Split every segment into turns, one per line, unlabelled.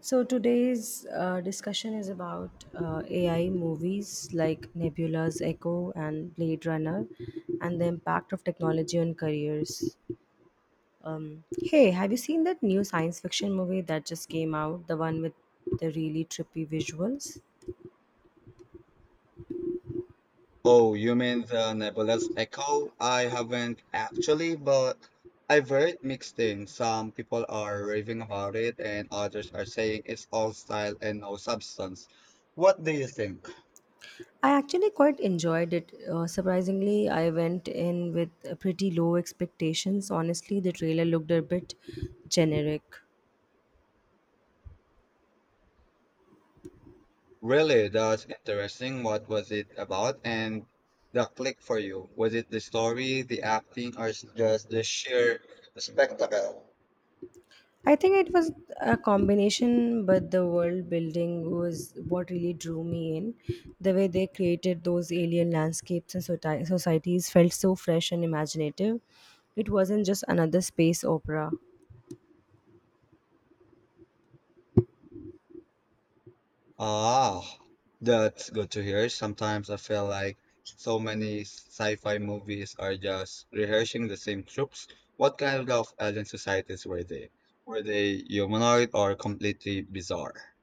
So today's discussion is about AI movies like Nebula's Echo and Blade Runner, and the impact of technology on careers. Hey, have you seen that new science fiction movie that just came out? The one with the really trippy visuals.
Oh, you mean the nebulous echo? I haven't actually, but I've heard mixed things. Some people are raving about it, and others are saying it's all style and no substance. What do you think?
I actually quite enjoyed it. Surprisingly, I went in with pretty low expectations. Honestly, the trailer looked a bit generic.
Really, that's interesting. What was it about? And the click for you? Was it the story, the acting, or just the sheer spectacle?
I think it was a combination, but the world building was what really drew me in. The way they created those alien landscapes and societies felt so fresh and imaginative. It wasn't just another space opera.
Ah, that's good to hear. Sometimes I feel like so many sci-fi movies are just rehearsing the same tropes. What kind of alien societies were they? Were they humanoid or completely bizarre?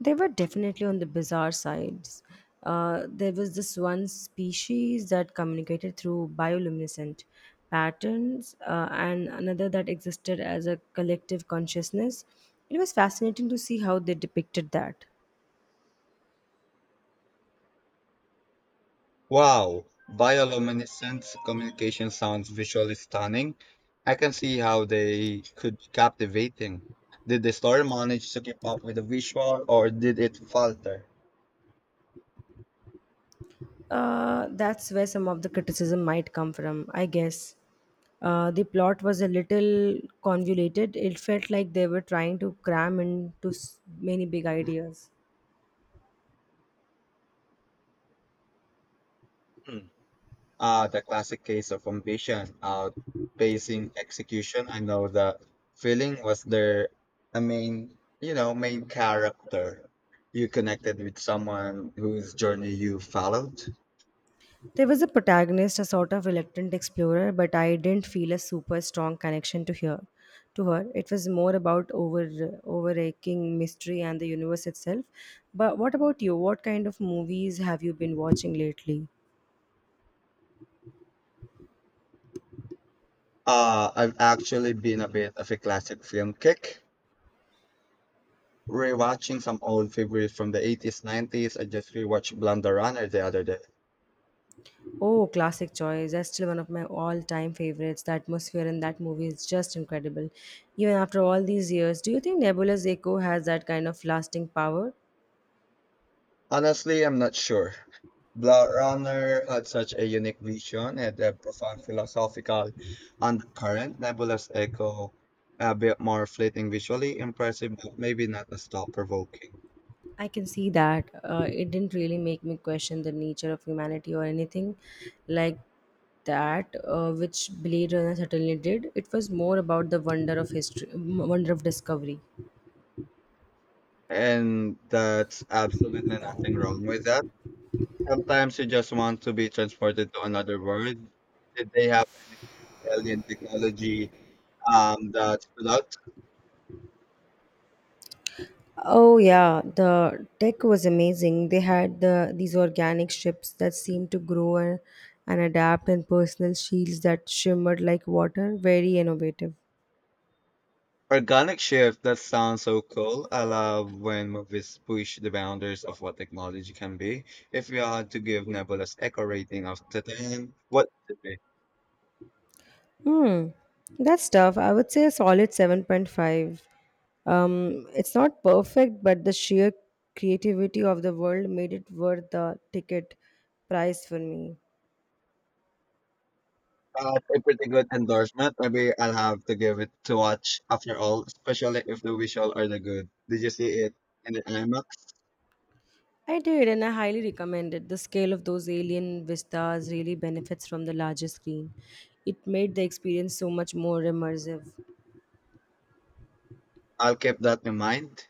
They were definitely on the bizarre sides. There was this one species that communicated through bioluminescent patterns, and another that existed as a collective consciousness. It was fascinating to see how they depicted that.
Wow, bioluminescent communication sounds visually stunning. I can see how they could be captivating. Did the story manage to keep up with the visual or did it falter?
That's where some of the criticism might come from, I guess. The plot was a little convoluted. It felt like they were trying to cram into many big ideas.
Hmm. The classic case of ambition outpacing execution. I know the feeling was their, main character. You connected with someone whose journey you followed.
There was a protagonist, a sort of reluctant explorer, but I didn't feel a super strong connection to her. To her, it was more about overaching mystery and the universe itself. But what about you? What kind of movies have you been watching lately?
I've actually been a bit of a classic film kick. Rewatching some old favorites from the 80s, 90s. I just rewatched Blonde the Runner the other day.
Oh, classic choice. That's still one of my all time favorites. The atmosphere in that movie is just incredible. Even after all these years, do you think Nebula's Echo has that kind of lasting power?
Honestly, I'm not sure. Blade Runner had such a unique vision and a profound philosophical undercurrent. Nebulous Echo, a bit more fleeting visually, impressive, but maybe not as thought-provoking.
I can see that. It didn't really make me question the nature of humanity or anything like that, which Blade Runner certainly did. It was more about the wonder of history, wonder of discovery.
And that's absolutely nothing wrong with that. Sometimes you just want to be transported to another world. Did they have alien technology that stood out?
Oh yeah, the tech was amazing. They had the these organic ships that seemed to grow and adapt, and personal shields that shimmered like water. Very innovative.
Organic shift, that sounds so cool. I love when movies push the boundaries of what technology can be. If you had to give Nebula's echo rating of to 10, what would it be?
Hmm, that's tough. I would say a solid 7.5. It's not perfect, but the sheer creativity of the world made it worth the ticket price for me.
That's a pretty good endorsement. Maybe I'll have to give it to watch after all, especially if the visual are the good. Did you see it in the IMAX?
I did, and I highly recommend it. The scale of those alien vistas really benefits from the larger screen. It made the experience so much more immersive.
I'll keep that in mind.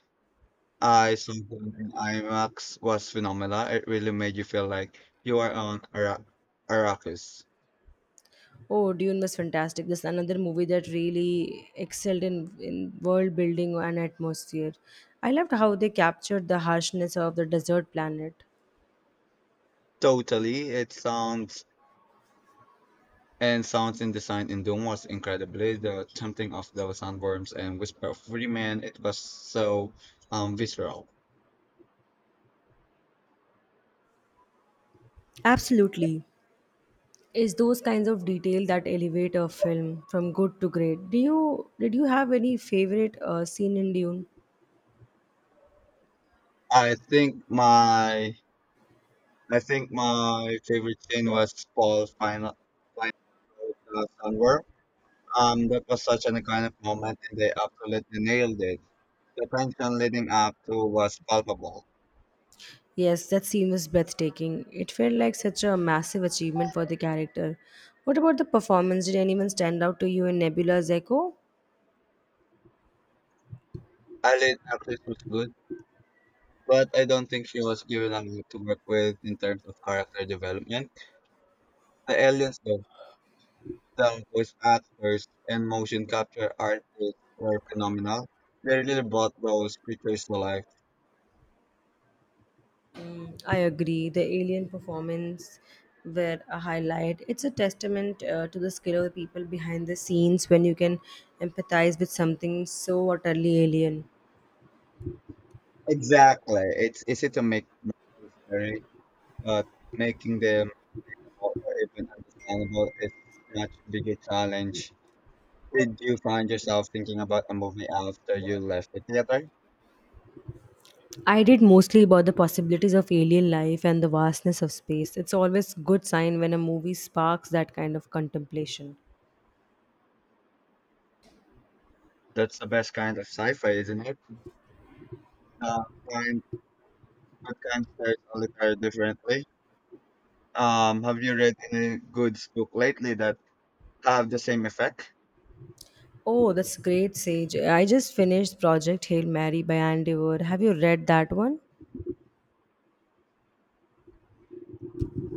I saw it in IMAX was phenomenal. It really made you feel like you are on Arrakis.
Oh, Dune was fantastic. This another movie that really excelled in world building and atmosphere. I loved how they captured the harshness of the desert planet.
Totally. It sounds. And sounds in design in Doom was incredibly the tempting of those sandworms and whisper of free man. It was so visceral.
Absolutely. It's those kinds of detail that elevate a film from good to great. Do you did you have any favorite scene in Dune?
I think my I think my favorite scene was Paul's final sandworm. That was such an iconic moment, and they absolutely nailed it. The tension leading up to was palpable.
Yes, that scene was breathtaking. It felt like such a massive achievement for the character. What about the performance? Did anyone stand out to you in Nebula's Echo?
Eileen actress was good, but I don't think she was given enough to work with in terms of character development. The aliens though, the voice actors and motion capture artists were phenomenal. They really brought those creatures to life.
Mm, I agree. The alien performance were a highlight. It's a testament to the skill of the people behind the scenes when you can empathize with something so utterly alien.
Exactly. It's easy to make movies scary, but making them memorable or even understandable is much bigger challenge. Did you find yourself thinking about a movie after you left the theater?
I did, mostly about the possibilities of alien life and the vastness of space. It's always good sign when a movie sparks that kind of contemplation.
That's the best kind of sci-fi, isn't it? The kind That kind stares all the time differently. Have you read any good book lately that have the same effect?
Oh, that's great, Sage. I just finished Project Hail Mary by Andy Weir. Have you read that one?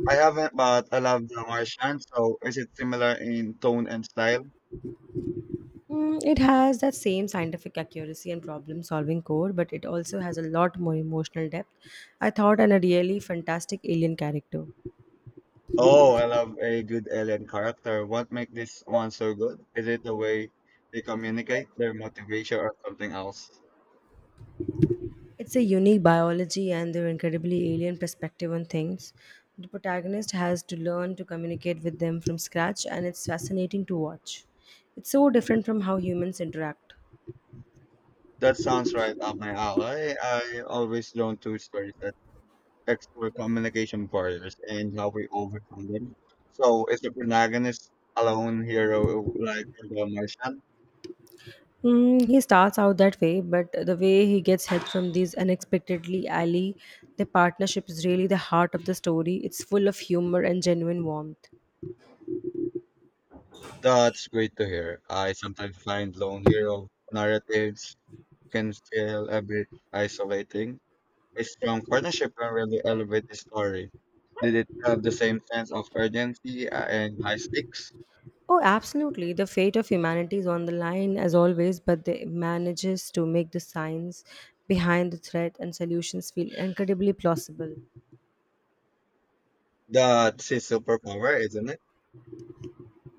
I haven't, but I love The Martian. So is it similar in tone and style?
Mm, it has that same scientific accuracy and problem solving core, but it also has a lot more emotional depth, I thought, and a really fantastic alien character.
Oh, I love a good alien character. What makes this one so good? Is it the way they communicate, their motivation, or something else?
It's a unique biology and their incredibly alien perspective on things. The protagonist has to learn to communicate with them from scratch, and it's fascinating to watch. It's so different from how humans interact.
That sounds right up my alley. I always drawn to stories that explore communication barriers and how we overcome them. So is the protagonist a lone hero like in The Martian?
Mm, he starts out that way, but the way he gets help from these unexpectedly ally, the partnership is really the heart of the story. It's full of humor and genuine warmth.
That's great to hear. I sometimes find lone hero narratives can feel a bit isolating. A strong partnership can really elevate the story. Did it have the same sense of urgency and high stakes?
Oh, absolutely. The fate of humanity is on the line as always, but they manages to make the science behind the threat and solutions feel incredibly plausible.
That's his superpower, isn't it?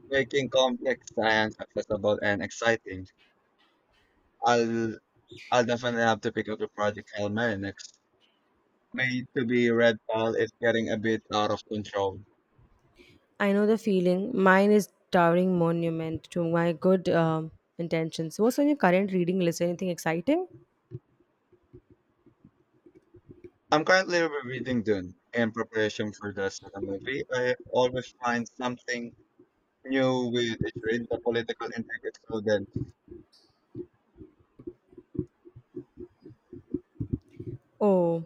Making complex science accessible and exciting. I'll I'll definitely have to pick up the Project Hail Mary next. Made to be Red Pal is getting a bit out of control.
I know the feeling. Mine is towering monument to my good intentions. What's on your current reading list? Anything exciting?
I'm currently rereading Dune in preparation for the second movie. I always find something new with it's read the political intrigue. So then
Oh,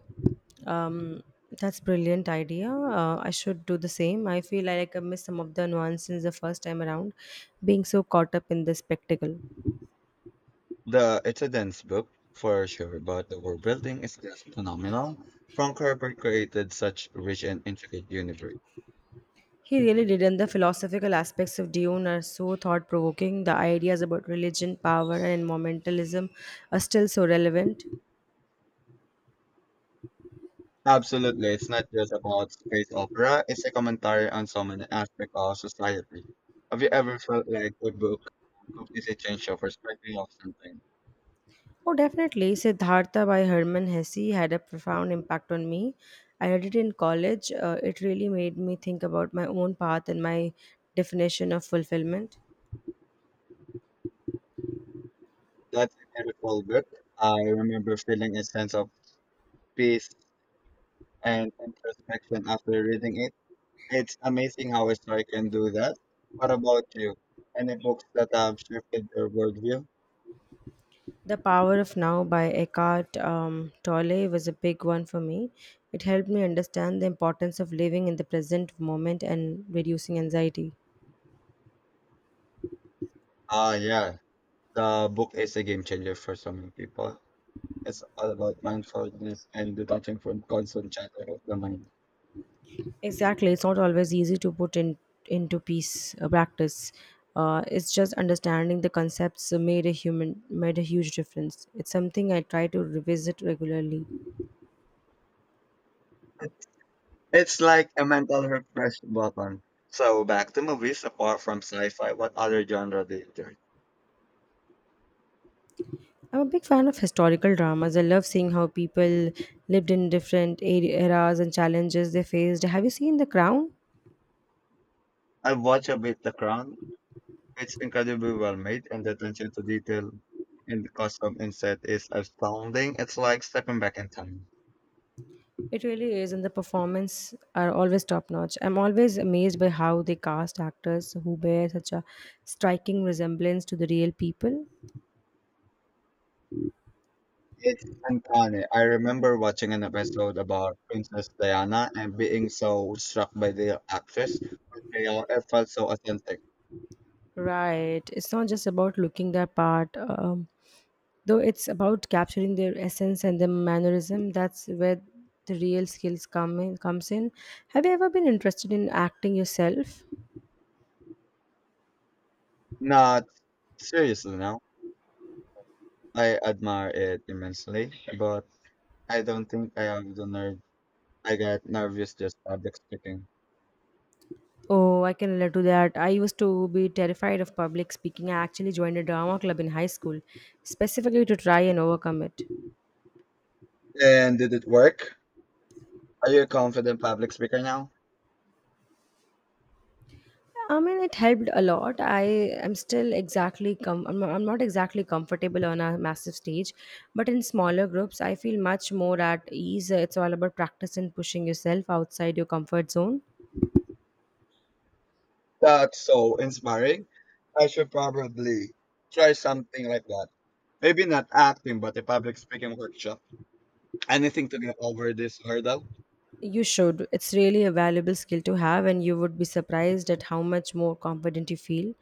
um, that's brilliant idea. I should do the same. I feel like I missed some of the nuances the first time around, being so caught up in the spectacle.
the it's a dense book for sure, but the world building is just phenomenal. Frank Herbert created such rich and intricate universe.
He really did, and the philosophical aspects of Dune are so thought provoking. The ideas about religion, power, and environmentalism are still so relevant.
Absolutely, it's not just about space opera. It's a commentary on so many aspects of society. Have you ever felt like a book completely changed your perspective of something?
Oh, definitely. Siddhartha by Herman Hesse had a profound impact on me. I read it in college. It really made me think about my own path and my definition of fulfillment.
That's a beautiful book. I remember feeling a sense of peace and introspection after reading it. It's amazing how a story can do that. What about you? Any books that have shifted your worldview?
The Power of Now by Eckhart Tolle was a big one for me. It helped me understand the importance of living in the present moment and reducing anxiety.
Ah, yeah. The book is a game changer for so many people. It's all about mindfulness and detaching from constant chatter of the mind.
Exactly, it's not always easy to put in into peace practice. It's just understanding the concepts made a huge difference. It's something I try to revisit regularly.
It's like a mental refresh button. So back to movies, apart from sci-fi, what other genre do you enjoy?
I'm a big fan of historical dramas. I love seeing how people lived in different eras and challenges they faced. Have you seen The Crown?
I've watched a bit The Crown. It's incredibly well made and the attention to detail in the costume and set is astounding. It's like stepping back in time.
It really is, and the performance are always top notch. I'm always amazed by how they cast actors who bear such a striking resemblance to the real people.
It's uncanny. I remember watching an episode about Princess Diana and being so struck by the actress portrayal. It felt so authentic.
Right. It's not just about looking their part, though it's about capturing their essence and their mannerism. That's where the real skills comes in. Have you ever been interested in acting yourself?
Not seriously now. I admire it immensely, but I don't think I have the nerve. I get nervous just public speaking.
Oh, I can relate to that. I used to be terrified of public speaking. I actually joined a drama club in high school, specifically to try and overcome it.
And did it work? Are you a confident public speaker now?
I mean, it helped a lot. I'm not exactly comfortable on a massive stage, but in smaller groups, I feel much more at ease. It's all about practice and pushing yourself outside your comfort zone.
That's so inspiring. I should probably try something like that. Maybe not acting, but a public speaking workshop. Anything to get over this hurdle.
You should. It's really a valuable skill to have, and you would be surprised at how much more confident you feel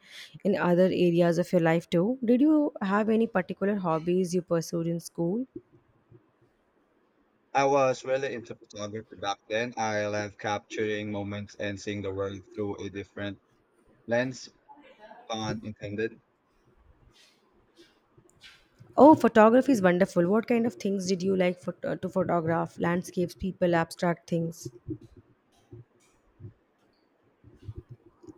in other areas of your life too. Did you have any particular hobbies you pursued in school?
I was really into photography back then. I love capturing moments and seeing the world through a different lens, pun intended.
Oh, photography is wonderful. What kind of things did you like to photograph? Landscapes, people, abstract things.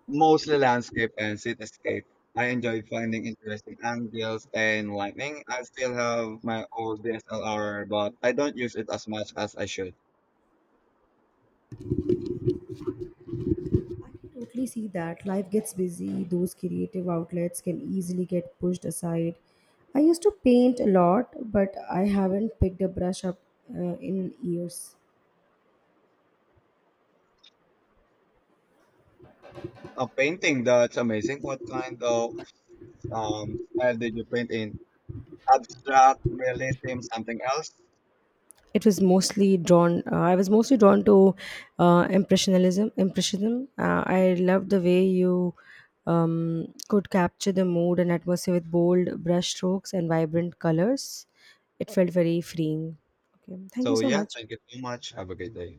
Mostly landscape and cityscape. I enjoy finding interesting angles and lighting. I still have my old DSLR, but I don't use it as much as I should.
I can totally see that. Life gets busy, those creative outlets can easily get pushed aside. I used to paint a lot, but I haven't picked a brush up in years.
A painting that's amazing. What kind of style did you paint in? Abstract, realism, something else?
It was mostly drawn I was mostly drawn to impressionism impressionism. I loved the way you could capture the mood and atmosphere with bold brush strokes and vibrant colors. It felt very freeing. Okay, thank you
So
so
yeah,
much.
thank you so much. Have a great day.